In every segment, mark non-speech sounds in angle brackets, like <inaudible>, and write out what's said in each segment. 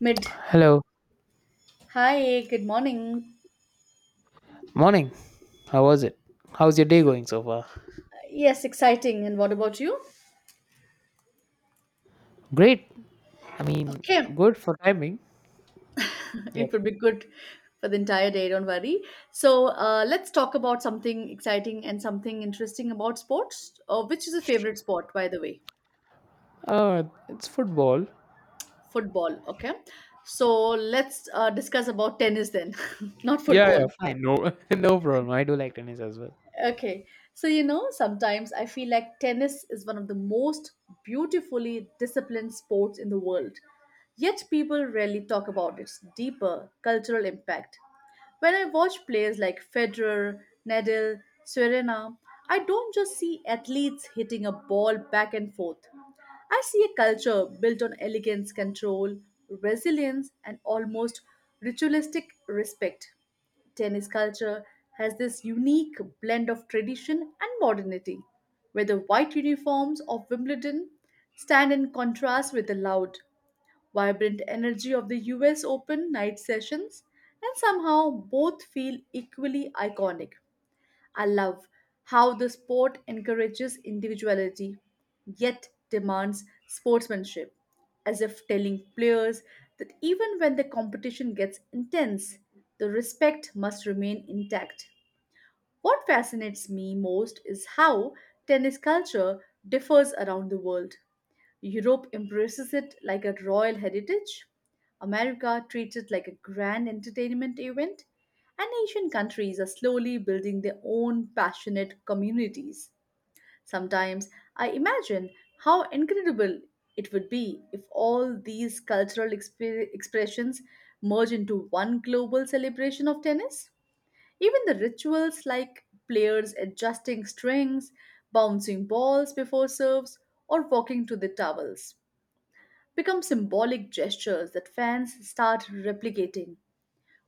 Mid. Hello, Hi, good morning. morning. How was it? How's your day going so far? Yes, exciting. And what about you? Great. I mean, Okay. good for timing. <laughs> It Yep. would be good for the entire day, don't worry. So, let's talk about something exciting and something interesting about sports. Which is a favorite sport, by the way? Uh, it's football. Football. Okay. So, let's discuss about tennis then, <laughs> not Yeah, yeah, football. fine. No, <laughs> no problem. I do like tennis as well. Okay. So, you know, sometimes I feel like tennis is one of the most beautifully disciplined sports in the world. Yet people rarely talk about its deeper cultural impact. When I watch players like Federer, Nadal, Serena, I don't just see athletes hitting a ball back and forth. I see a culture built on elegance, control, resilience, and almost ritualistic respect. Tennis culture has this unique blend of tradition and modernity, where the white uniforms of Wimbledon stand in contrast with the loud, vibrant energy of the US Open night sessions, and somehow both feel equally iconic. I love how the sport encourages individuality yet demands sportsmanship, as if telling players that even when the competition gets intense, the respect must remain intact. What fascinates me most is how tennis culture differs around the world. Europe embraces it like a royal heritage, America treats it like a grand entertainment event, and Asian countries are slowly building their own passionate communities. Sometimes I imagine how incredible it would be if all these cultural expressions merge into one global celebration of tennis. Even the rituals like players adjusting strings, bouncing balls before serves, or walking to the towels become symbolic gestures that fans start replicating.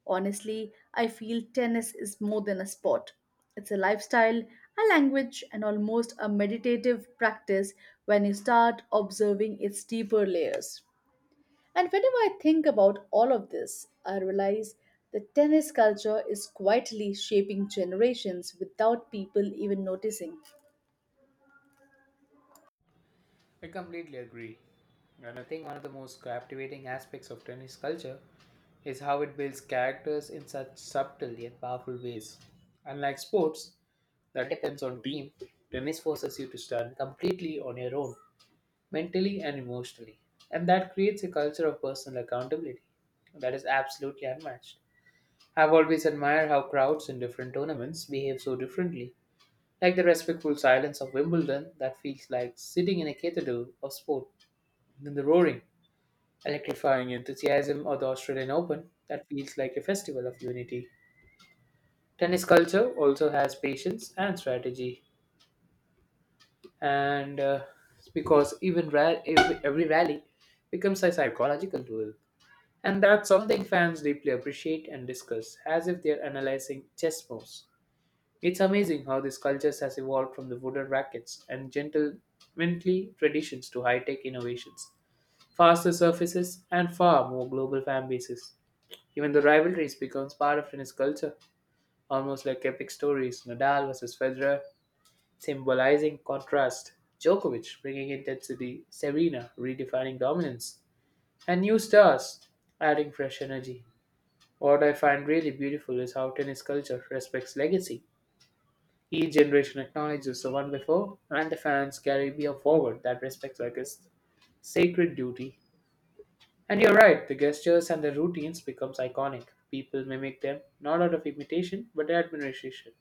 Honestly, I feel tennis is more than a sport. It's a lifestyle, a language, and almost a meditative practice when you start observing its deeper layers. And whenever I think about all of this, I realize that tennis culture is quietly shaping generations without people even noticing. I completely agree. And I think one of the most captivating aspects of tennis culture is how it builds characters in such subtle yet powerful ways. Unlike sports that depends on team, tennis forces you to stand completely on your own mentally and emotionally. And that creates a culture of personal accountability that is absolutely unmatched. I've always admired how crowds in different tournaments behave so differently, like the respectful silence of Wimbledon that feels like sitting in a cathedral of sport, then the roaring, electrifying enthusiasm of the Australian Open that feels like a festival of unity. Tennis culture also has patience and strategy, and because every rally becomes a psychological duel. And that's something fans deeply appreciate and discuss, as if they're analyzing chess moves. It's amazing how this culture has evolved from the wooden rackets and gentlemanly traditions to high tech innovations, faster surfaces, and far more global fan bases. Even the rivalries becomes part of tennis culture, almost like epic stories Nadal versus Federer, symbolizing contrast, Djokovic bringing intensity, Serena redefining dominance, and new stars adding fresh energy. What I find really beautiful is how tennis culture respects legacy. Each generation acknowledges the one before, and the fans carry a forward that respects like sacred duty. And you're right, the gestures and the routines becomes iconic. People mimic them, not out of imitation, but admiration.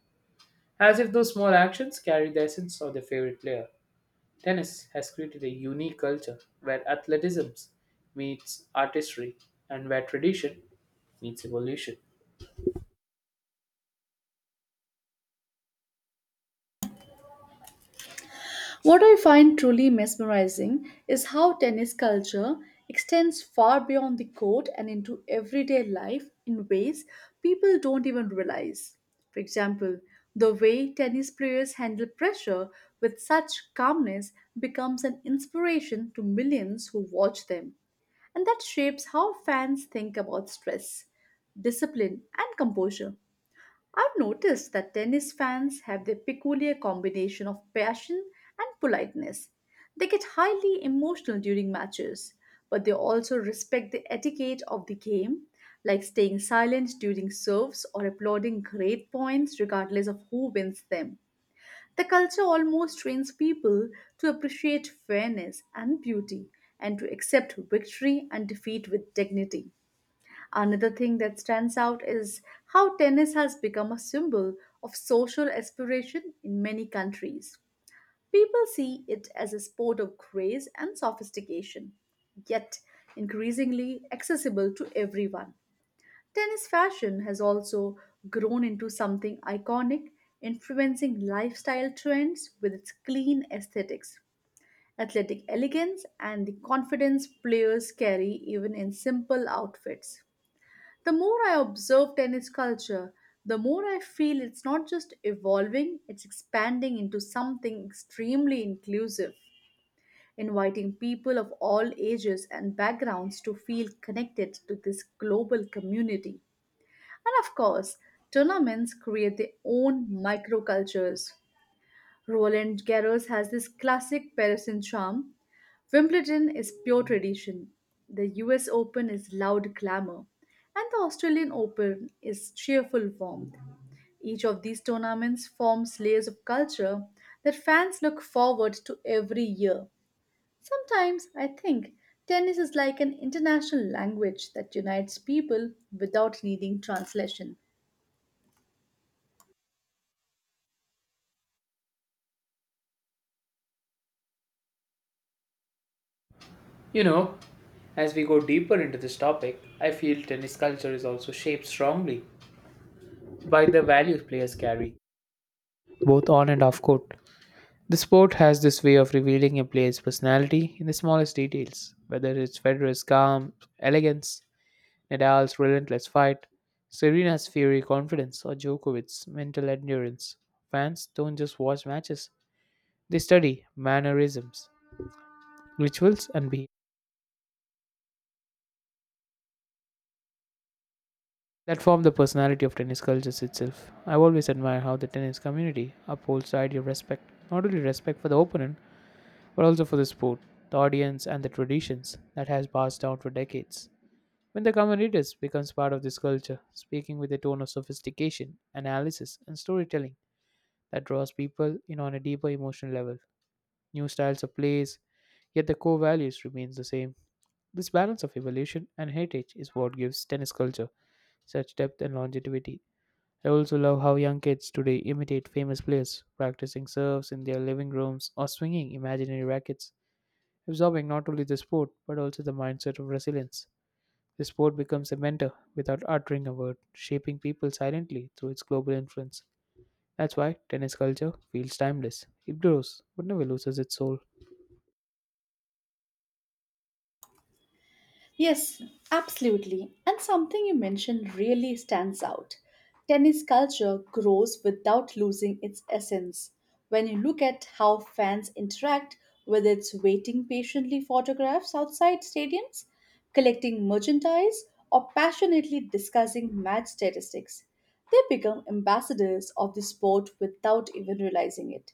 As if those small actions carry the essence of their favorite player. Tennis has created a unique culture where athleticism meets artistry and where tradition meets evolution. What I find truly mesmerizing is how tennis culture extends far beyond the court and into everyday life in ways people don't even realize. For example, the way tennis players handle pressure with such calmness becomes an inspiration to millions who watch them, and that shapes how fans think about stress, discipline, and composure. I've noticed that tennis fans have their peculiar combination of passion and politeness. They get highly emotional during matches, but they also respect the etiquette of the game, like staying silent during serves or applauding great points regardless of who wins them. The culture almost trains people to appreciate fairness and beauty and to accept victory and defeat with dignity. Another thing that stands out is how tennis has become a symbol of social aspiration in many countries. People see it as a sport of grace and sophistication, yet increasingly accessible to everyone. Tennis fashion has also grown into something iconic, influencing lifestyle trends with its clean aesthetics, athletic elegance, and the confidence players carry even in simple outfits. The more I observe tennis culture, the more I feel it's not just evolving, it's expanding into something extremely inclusive, inviting people of all ages and backgrounds to feel connected to this global community. And of course, tournaments create their own microcultures. Roland Garros has this classic Parisian charm. Wimbledon is pure tradition. The US Open is loud glamour. And the Australian Open is cheerful warmth. Each of these tournaments forms layers of culture that fans look forward to every year. Sometimes I think tennis is like an international language that unites people without needing translation. You know, as we go deeper into this topic, I feel tennis culture is also shaped strongly by the values players carry, both on and off court. The sport has this way of revealing a player's personality in the smallest details, whether it's Federer's calm elegance, Nadal's relentless fight, Serena's fiery confidence, or Djokovic's mental endurance. Fans don't just watch matches, they study mannerisms, rituals, and behavior that form the personality of tennis culture itself. I've always admired how the tennis community upholds the idea of respect, not only respect for the opponent, but also for the sport, the audience, and the traditions that has passed down for decades. When the common readers becomes part of this culture, speaking with a tone of sophistication, analysis, and storytelling that draws people in on a deeper emotional level, new styles of plays, yet the core values remains the same. This balance of evolution and heritage is what gives tennis culture such depth and longevity. I also love how young kids today imitate famous players, practicing serves in their living rooms or swinging imaginary rackets, absorbing not only the sport but also the mindset of resilience. The sport becomes a mentor without uttering a word, shaping people silently through its global influence. That's why tennis culture feels timeless. It grows, but never loses its soul. Yes, absolutely. And something you mentioned really stands out. Tennis culture grows without losing its essence. When you look at how fans interact, whether it's waiting patiently photographs outside stadiums, collecting merchandise, or passionately discussing match statistics, they become ambassadors of the sport without even realizing it.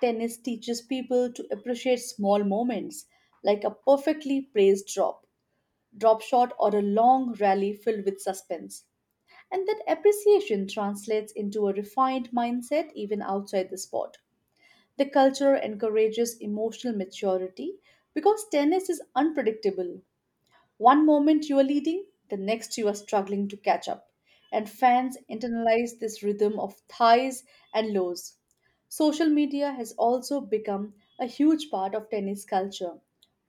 Tennis teaches people to appreciate small moments, like a perfectly praised drop drop shot, or a long rally filled with suspense. And that appreciation translates into a refined mindset even outside the sport. The culture encourages emotional maturity because tennis is unpredictable, one moment you are leading, the next you are struggling to catch up. And fans internalize this rhythm of highs and lows. Social media has also become a huge part of tennis culture,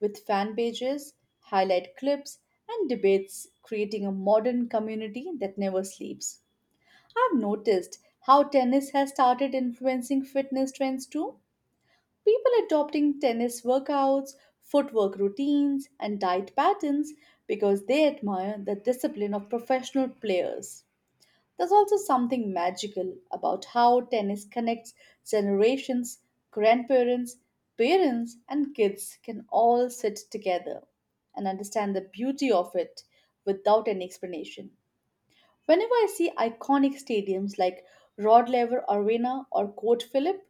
with fan pages, highlight clips, and debates creating a modern community that never sleeps. I've noticed how tennis has started influencing fitness trends too People adopting tennis workouts, footwork routines, and diet patterns because they admire the discipline of professional players. There's also something magical about how tennis connects generations, grandparents, parents, and kids can all sit together and understand the beauty of it without any explanation. Whenever I see iconic stadiums like Rod Laver Arena or Court Phillip,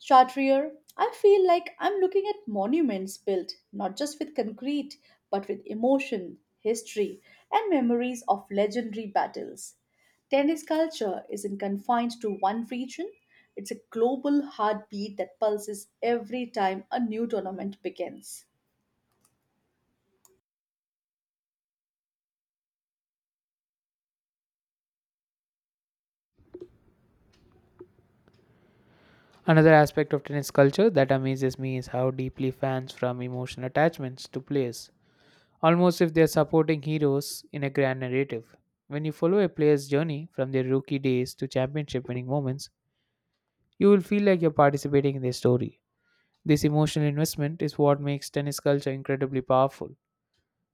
Chartrier, I feel like I'm looking at monuments built not just with concrete but with emotion, history, and memories of legendary battles. Tennis culture isn't confined to one region, it's a global heartbeat that pulses every time a new tournament begins. Another aspect of tennis culture that amazes me is how deeply fans from emotional attachments to players, almost if they're supporting heroes in a grand narrative. When you follow a player's journey from their rookie days to championship winning moments, you will feel like you're participating in their story. This emotional investment is what makes tennis culture incredibly powerful.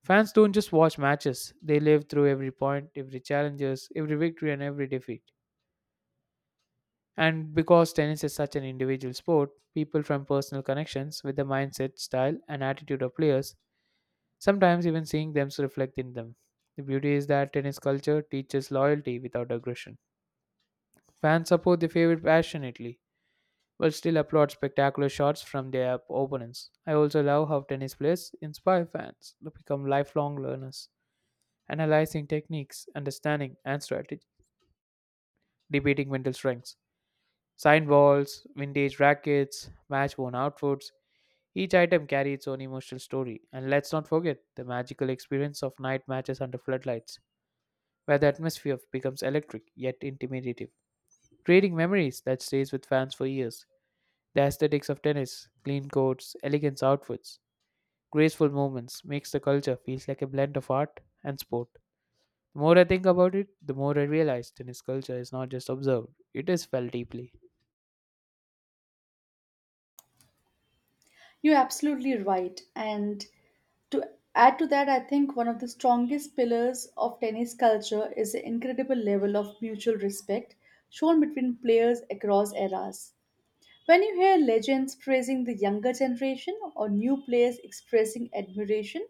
Fans don't just watch matches, they live through every point, every challenges, every victory and every defeat. And because tennis is such an individual sport, people from personal connections with the mindset, style and attitude of players, sometimes even seeing them reflect in them. The beauty is that tennis culture teaches loyalty without aggression. Fans support their favorite passionately, but still applaud spectacular shots from their opponents. I also love how tennis players inspire fans to become lifelong learners, analyzing techniques, understanding, and strategy, debating mental strengths. Signed balls, vintage rackets, match worn outfits, each item carries its own emotional story, and let's not forget the magical experience of night matches under floodlights, where the atmosphere becomes electric yet intimidative, creating memories that stays with fans for years. The aesthetics of tennis, clean courts, elegant outfits, graceful movements makes the culture feels like a blend of art and sport. The more I think about it, the more I realize tennis culture is not just observed, it is felt deeply. You're absolutely right. And to add to that, I think one of the strongest pillars of tennis culture is the incredible level of mutual respect shown between players across eras. When you hear legends praising the younger generation or new players expressing admiration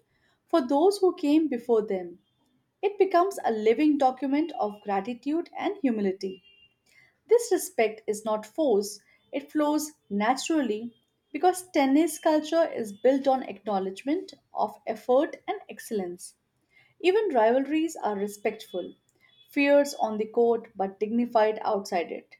for those who came before them, it becomes a living document of gratitude and humility. This respect is not forced, it flows naturally because tennis culture is built on acknowledgement of effort and excellence. Even rivalries are respectful, fierce on the court but dignified outside it.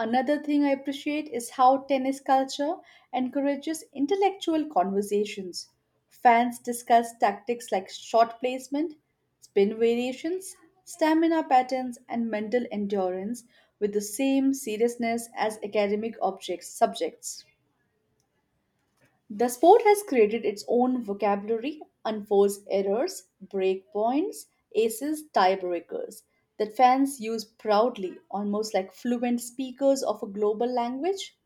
Another thing I appreciate is how tennis culture encourages intellectual conversations. Fans discuss tactics like shot placement, spin variations, stamina patterns, and mental endurance with the same seriousness as academic objects subjects. The sport has created its own vocabulary, unforced errors, break points, aces, tiebreakers that fans use proudly, almost like fluent speakers of a global language.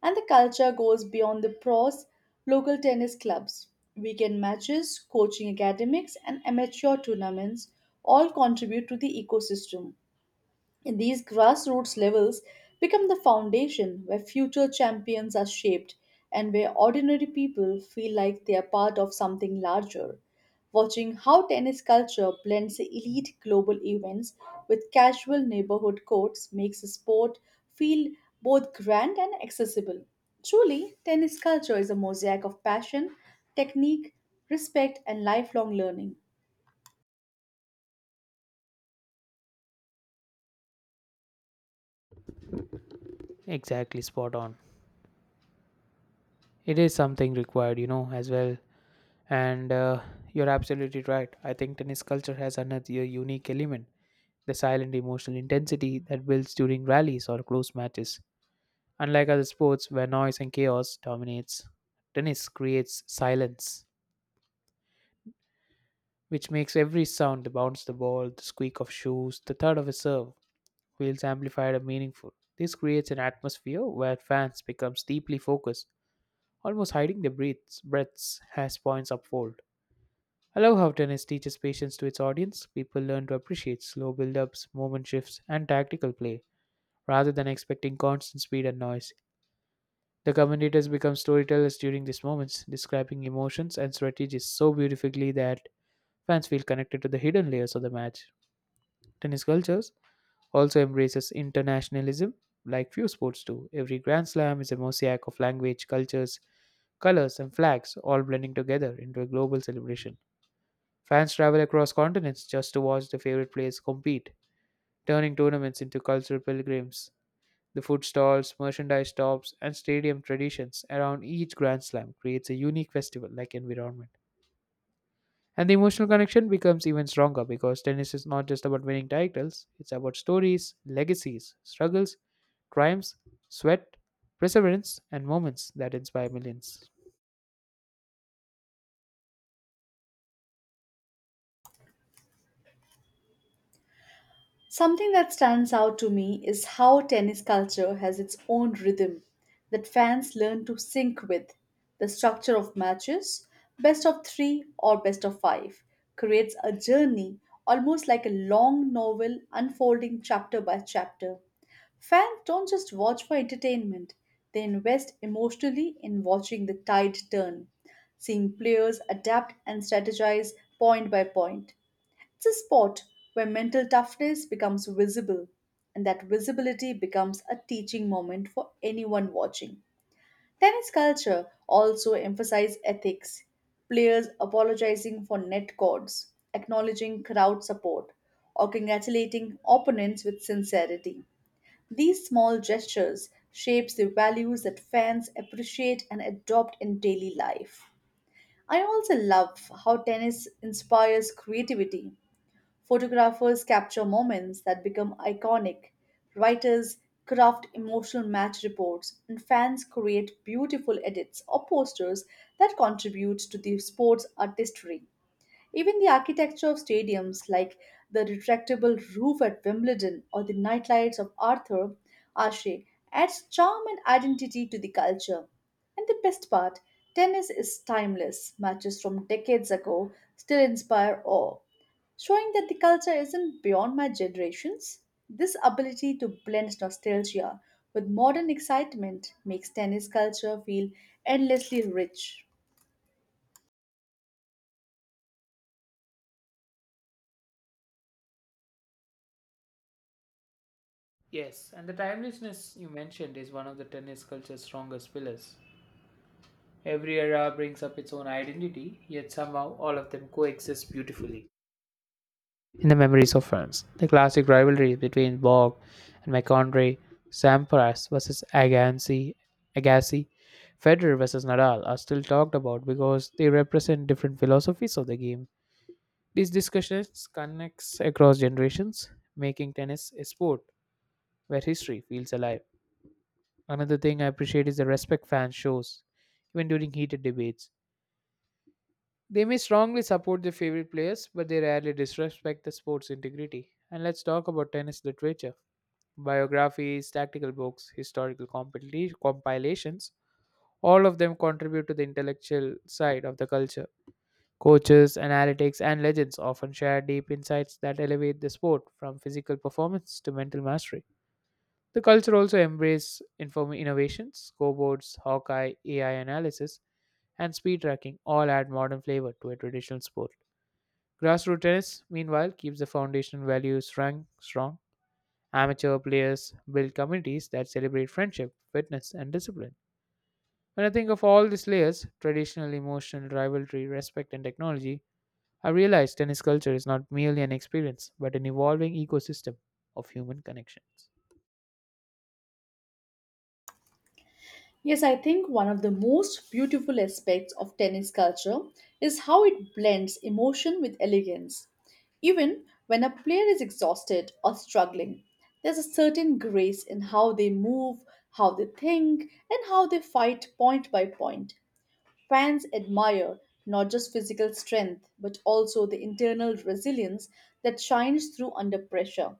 And the culture goes beyond the pros, local tennis clubs, weekend matches, coaching academics, and amateur tournaments all contribute to the ecosystem. And these grassroots levels become the foundation where future champions are shaped and where ordinary people feel like they are part of something larger. Watching how tennis culture blends elite global events with casual neighborhood courts makes the sport feel both grand and accessible. Truly, tennis culture is a mosaic of passion, technique, respect, and lifelong learning. Exactly, spot on. It is something required, you know, as well. And you're absolutely right. I think tennis culture has another unique element, the silent emotional intensity that builds during rallies or close matches. Unlike other sports where noise and chaos dominates, tennis creates silence, which makes every sound, the bounce of the ball, the squeak of shoes, the thud of a serve, feels amplified and meaningful. This creates an atmosphere where fans becomes deeply focused, almost hiding their breaths as points unfold. I love how tennis teaches patience to its audience. People learn to appreciate slow build-ups, moment shifts, and tactical play rather than expecting constant speed and noise. The commentators become storytellers during these moments, describing emotions and strategies so beautifully that fans feel connected to the hidden layers of the match. Tennis cultures also embraces internationalism like few sports do. Every Grand Slam is a mosaic of language, cultures, colors, and flags all blending together into a global celebration. Fans travel across continents just to watch their favorite players compete, turning tournaments into cultural pilgrims. The food stalls, merchandise shops, and stadium traditions around each Grand Slam creates a unique festival-like environment. And the emotional connection becomes even stronger because tennis is not just about winning titles, it's about stories, legacies, struggles, triumphs, sweat, perseverance, and moments that inspire millions. Something that stands out to me is how tennis culture has its own rhythm that fans learn to sync with. The structure of matches, best of three or best of five, creates a journey almost like a long novel unfolding chapter by chapter. Fans don't just watch for entertainment, they invest emotionally in watching the tide turn, seeing players adapt and strategize point by point. It's a sport where mental toughness becomes visible, and that visibility becomes a teaching moment for anyone watching. Tennis culture also emphasizes ethics, players apologizing for net cords, acknowledging crowd support, or congratulating opponents with sincerity. These small gestures shapes the values that fans appreciate and adopt in daily life. I also love how tennis inspires creativity. Photographers capture moments that become iconic, writers craft emotional match reports, and fans create beautiful edits or posters that contribute to the sport's artistry. Even the architecture of stadiums, like the retractable roof at Wimbledon or the nightlights of Arthur Ashe, adds charm and identity to the culture. And the best part, tennis is timeless. Matches from decades ago still inspire awe, showing that the culture isn't beyond my generations. This ability to blend nostalgia with modern excitement makes tennis culture feel endlessly rich. Yes, and the timelessness you mentioned is one of the tennis culture's strongest pillars. Every era brings up its own identity, yet somehow all of them coexist beautifully in the memories of France. The classic rivalry between Borg and McAndre, Sampras versus Agassi, Federer versus Nadal are still talked about because they represent different philosophies of the game. These discussions connects across generations, making tennis a sport where history feels alive. Another thing I appreciate is the respect fans shows, even during heated debates. They may strongly support their favorite players, but they rarely disrespect the sport's integrity. And let's talk about tennis literature. Biographies, tactical books, historical compilations, all of them contribute to the intellectual side of the culture. Coaches, analytics, and legends often share deep insights that elevate the sport from physical performance to mental mastery. The culture also embraces innovations, scoreboards, Hawkeye, AI analysis, and speed tracking all add modern flavor to a traditional sport. Grassroots tennis, meanwhile, keeps the foundation values strong. Amateur players build communities that celebrate friendship, fitness, and discipline. When I think of all these layers, traditional, emotional, rivalry, respect, and technology, I realize tennis culture is not merely an experience, but an evolving ecosystem of human connections. Yes, I think one of the most beautiful aspects of tennis culture is how it blends emotion with elegance. Even when a player is exhausted or struggling, there's a certain grace in how they move, how they think, and how they fight point by point. Fans admire not just physical strength, but also the internal resilience that shines through under pressure.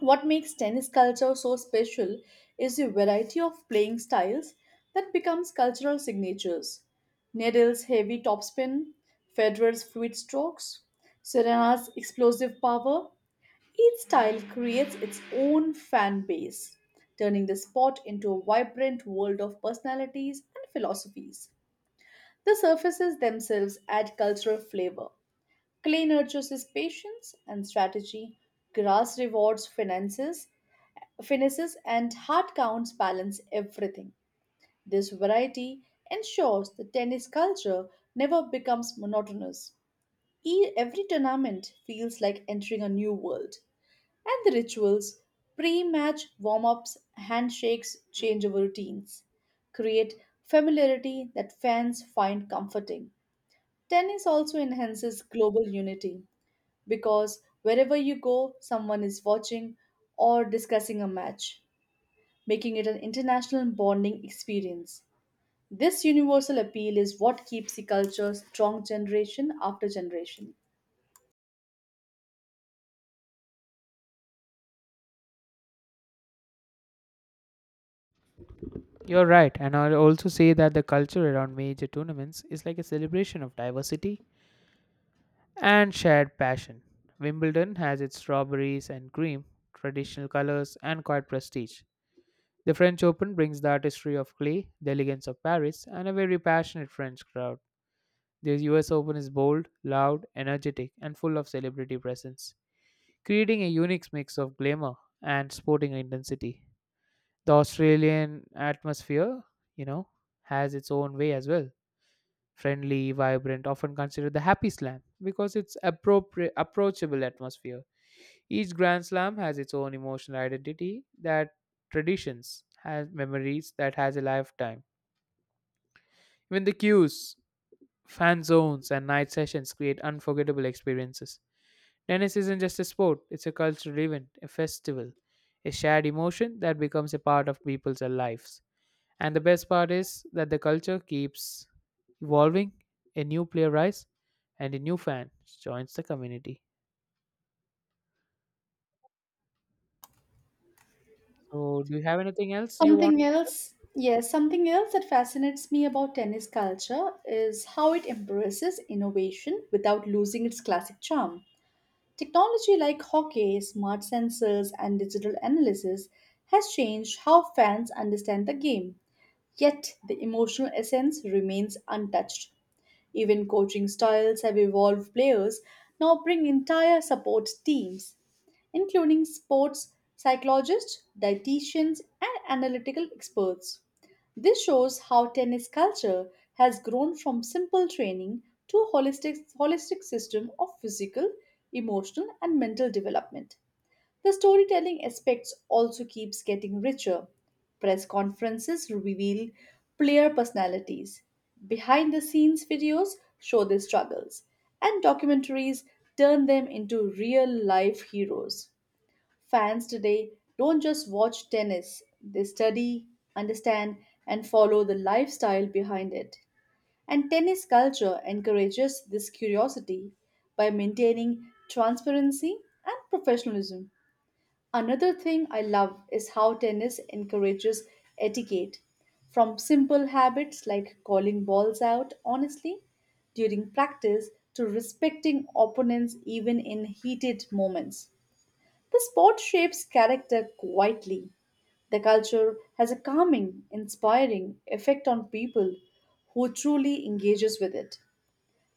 What makes tennis culture so special is the variety of playing styles that becomes cultural signatures. Nadal's heavy topspin, Federer's fluid strokes, Serena's explosive power, each style creates its own fan base, turning the sport into a vibrant world of personalities and philosophies. The surfaces themselves add cultural flavor. Clay nurtures his patience and strategy, grass rewards finishes and hard counts balance everything. This variety ensures the tennis culture never becomes monotonous. Every tournament feels like entering a new world. And the rituals, pre match warm ups, handshakes, changeover routines, create familiarity that fans find comforting. Tennis also enhances global unity because wherever you go, someone is watching or discussing a match, making it an international bonding experience. This universal appeal is what keeps the culture strong generation after generation. You're right, and I'll also say that the culture around major tournaments is like a celebration of diversity and shared passion. Wimbledon has its strawberries and cream, traditional colors, and quiet prestige. The French Open brings the artistry of clay, the elegance of Paris, and a very passionate French crowd. The US Open is bold, loud, energetic, and full of celebrity presence, creating a unique mix of glamour and sporting intensity. The Australian atmosphere, you know, has its own way as well, friendly, vibrant, often considered the happy slam because it's appropriate approachable atmosphere. Each grand slam has its own emotional identity, that traditions has memories that has a lifetime. Even the queues, fan zones and night sessions create unforgettable experiences. Tennis isn't just a sport, it's a cultural event, a festival, a shared emotion that becomes a part of people's lives. And the best part is that the culture keeps evolving. A new player rise and a new fan joins the community. So, do you have anything else you want? Something else, yes, something else that fascinates me about tennis culture is how it embraces innovation without losing its classic charm. Technology like hockey, smart sensors, and digital analysis has changed how fans understand the game, yet the emotional essence remains untouched. Even coaching styles have evolved. Players now bring entire support teams, including sports psychologists, dietitians, and analytical experts. This shows how tennis culture has grown from simple training to a holistic system of physical, emotional, and mental development. The storytelling aspects also keeps getting richer. Press conferences reveal player personalities. Behind the scenes videos show their struggles and documentaries turn them into real life heroes. Fans today don't just watch tennis, they study, understand and follow the lifestyle behind it. And tennis culture encourages this curiosity by maintaining transparency and professionalism. Another thing I love is how tennis encourages etiquette. From simple habits like calling balls out honestly during practice to respecting opponents even in heated moments. The sport shapes character quietly. The culture has a calming, inspiring effect on people who truly engages with it.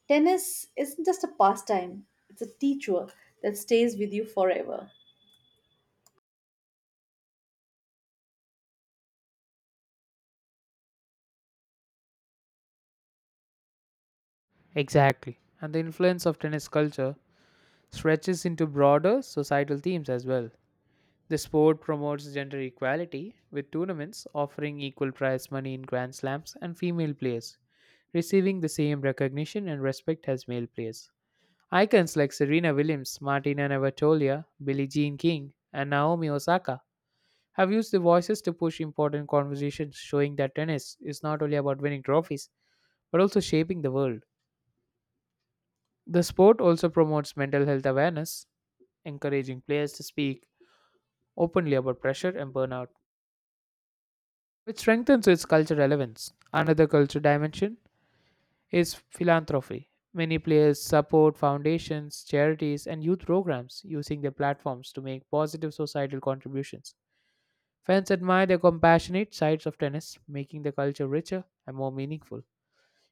Tennis isn't just a pastime, it's a teacher that stays with you forever. Exactly. And the influence of tennis culture stretches into broader societal themes as well. The sport promotes gender equality, with tournaments offering equal prize money in Grand Slams and female players receiving the same recognition and respect as male players. Icons like Serena Williams, Martina Navratilova, Billie Jean King, and Naomi Osaka have used their voices to push important conversations, showing that tennis is not only about winning trophies but also shaping the world. The sport also promotes mental health awareness, encouraging players to speak openly about pressure and burnout, which strengthens its cultural relevance. Another cultural dimension is philanthropy. Many players support foundations, charities, and youth programs using their platforms to make positive societal contributions. Fans admire the compassionate sides of tennis, making the culture richer and more meaningful.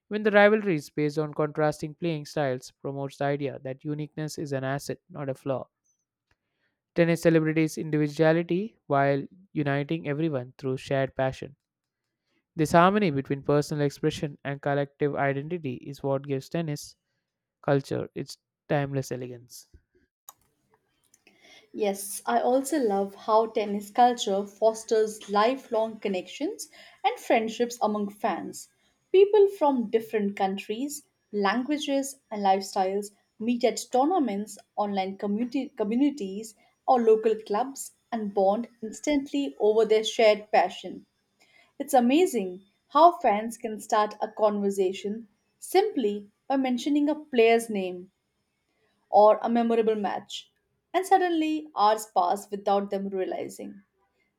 When the rivalries based on contrasting playing styles promotes the idea that uniqueness is an asset, not a flaw. Tennis celebrates individuality while uniting everyone through shared passion. This harmony between personal expression and collective identity is what gives tennis culture its timeless elegance. Yes, I also love how tennis culture fosters lifelong connections and friendships among fans. People from different countries, languages, and lifestyles meet at tournaments, communities, or local clubs and bond instantly over their shared passion. It's amazing how fans can start a conversation simply by mentioning a player's name or a memorable match, and suddenly hours pass without them realizing.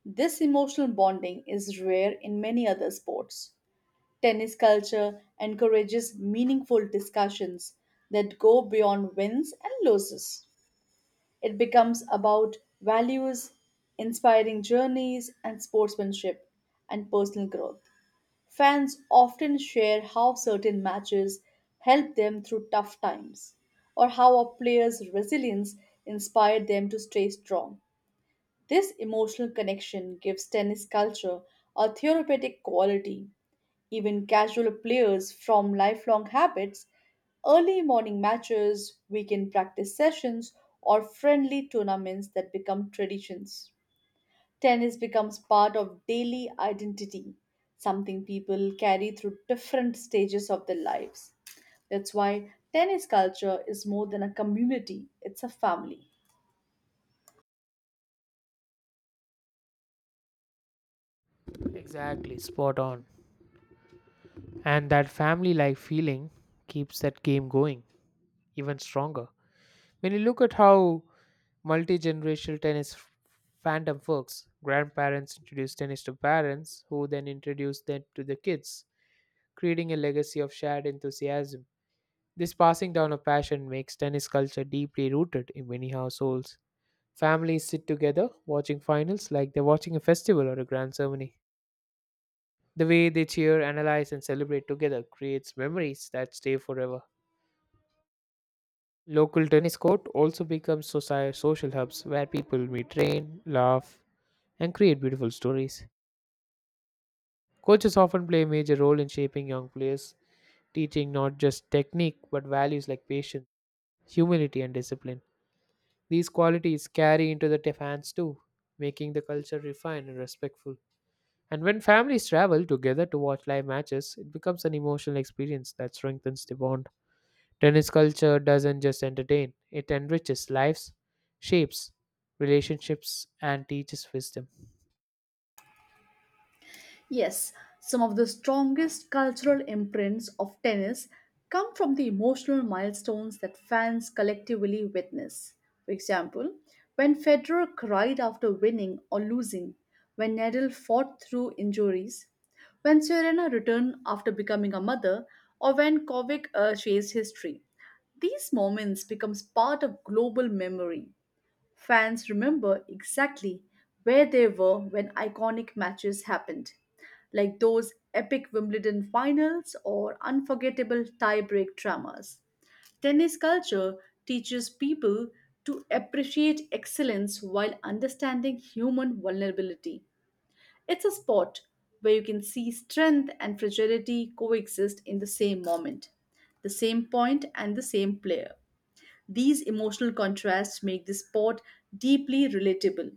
This emotional bonding is rare in many other sports. Tennis culture encourages meaningful discussions that go beyond wins and losses. It becomes about values, inspiring journeys, and sportsmanship and personal growth. Fans often share how certain matches helped them through tough times, or how a player's resilience inspired them to stay strong. This emotional connection gives tennis culture a therapeutic quality. Even casual players from lifelong habits, early morning matches, weekend practice sessions, or friendly tournaments that become traditions. Tennis becomes part of daily identity, something people carry through different stages of their lives. That's why tennis culture is more than a community, it's a family. Exactly, spot on. And that family like feeling keeps that game going even stronger. When you look at how multi generational tennis fandom works, grandparents introduce tennis to parents who then introduce them to the kids, creating a legacy of shared enthusiasm. This passing down of passion makes tennis culture deeply rooted in many households. Families sit together watching finals like they're watching a festival or a grand ceremony. The way they cheer, analyze, and celebrate together creates memories that stay forever. Local tennis court also becomes social hubs where people meet, train, laugh, and create beautiful stories. Coaches often play a major role in shaping young players, teaching not just technique but values like patience, humility, and discipline. These qualities carry into the fans too, making the culture refined and respectful. And when families travel together to watch live matches, it becomes an emotional experience that strengthens the bond. Tennis culture doesn't just entertain, it enriches lives, shapes relationships, and teaches wisdom. Yes, some of the strongest cultural imprints of tennis come from the emotional milestones that fans collectively witness. For example, when Federer cried after winning or losing, when Nadal fought through injuries, when Serena returned after becoming a mother, or when Kovic chased history. These moments becomes part of global memory. Fans remember exactly where they were when iconic matches happened, like those epic Wimbledon finals or unforgettable tie-break dramas. Tennis culture teaches people to appreciate excellence while understanding human vulnerability. It's a sport where you can see strength and fragility coexist in the same moment, the same point, and the same player. These emotional contrasts make the sport deeply relatable.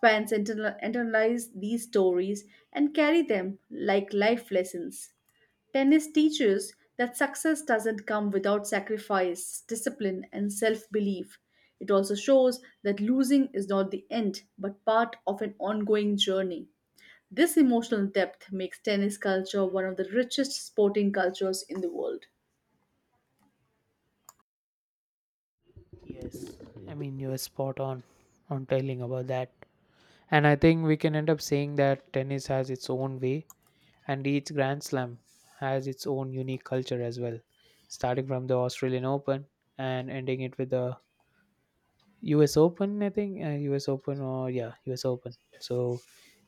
Fans internalize these stories and carry them like life lessons. Tennis teaches that success doesn't come without sacrifice, discipline, and self belief. It also shows that losing is not the end but part of an ongoing journey. This emotional depth makes tennis culture one of the richest sporting cultures in the world. Yes, you're spot on telling about that. And I think we can end up saying that tennis has its own way, and each Grand Slam has its own unique culture as well, starting from the Australian Open and ending it with the US Open, I think, US Open or yeah, US Open. So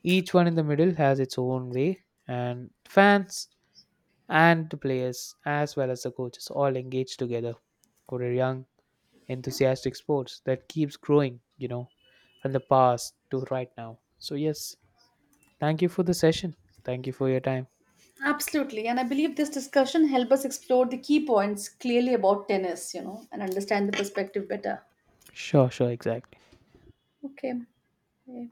each one in the middle has its own way, and fans and the players as well as the coaches all engage together for a young enthusiastic sports that keeps growing, you know, from the past to right now. So yes, thank you for the session, thank you for your time. Absolutely. And I believe this discussion helped us explore the key points clearly about tennis, you know, and understand the perspective better. Sure, sure, exactly. Okay. Yeah.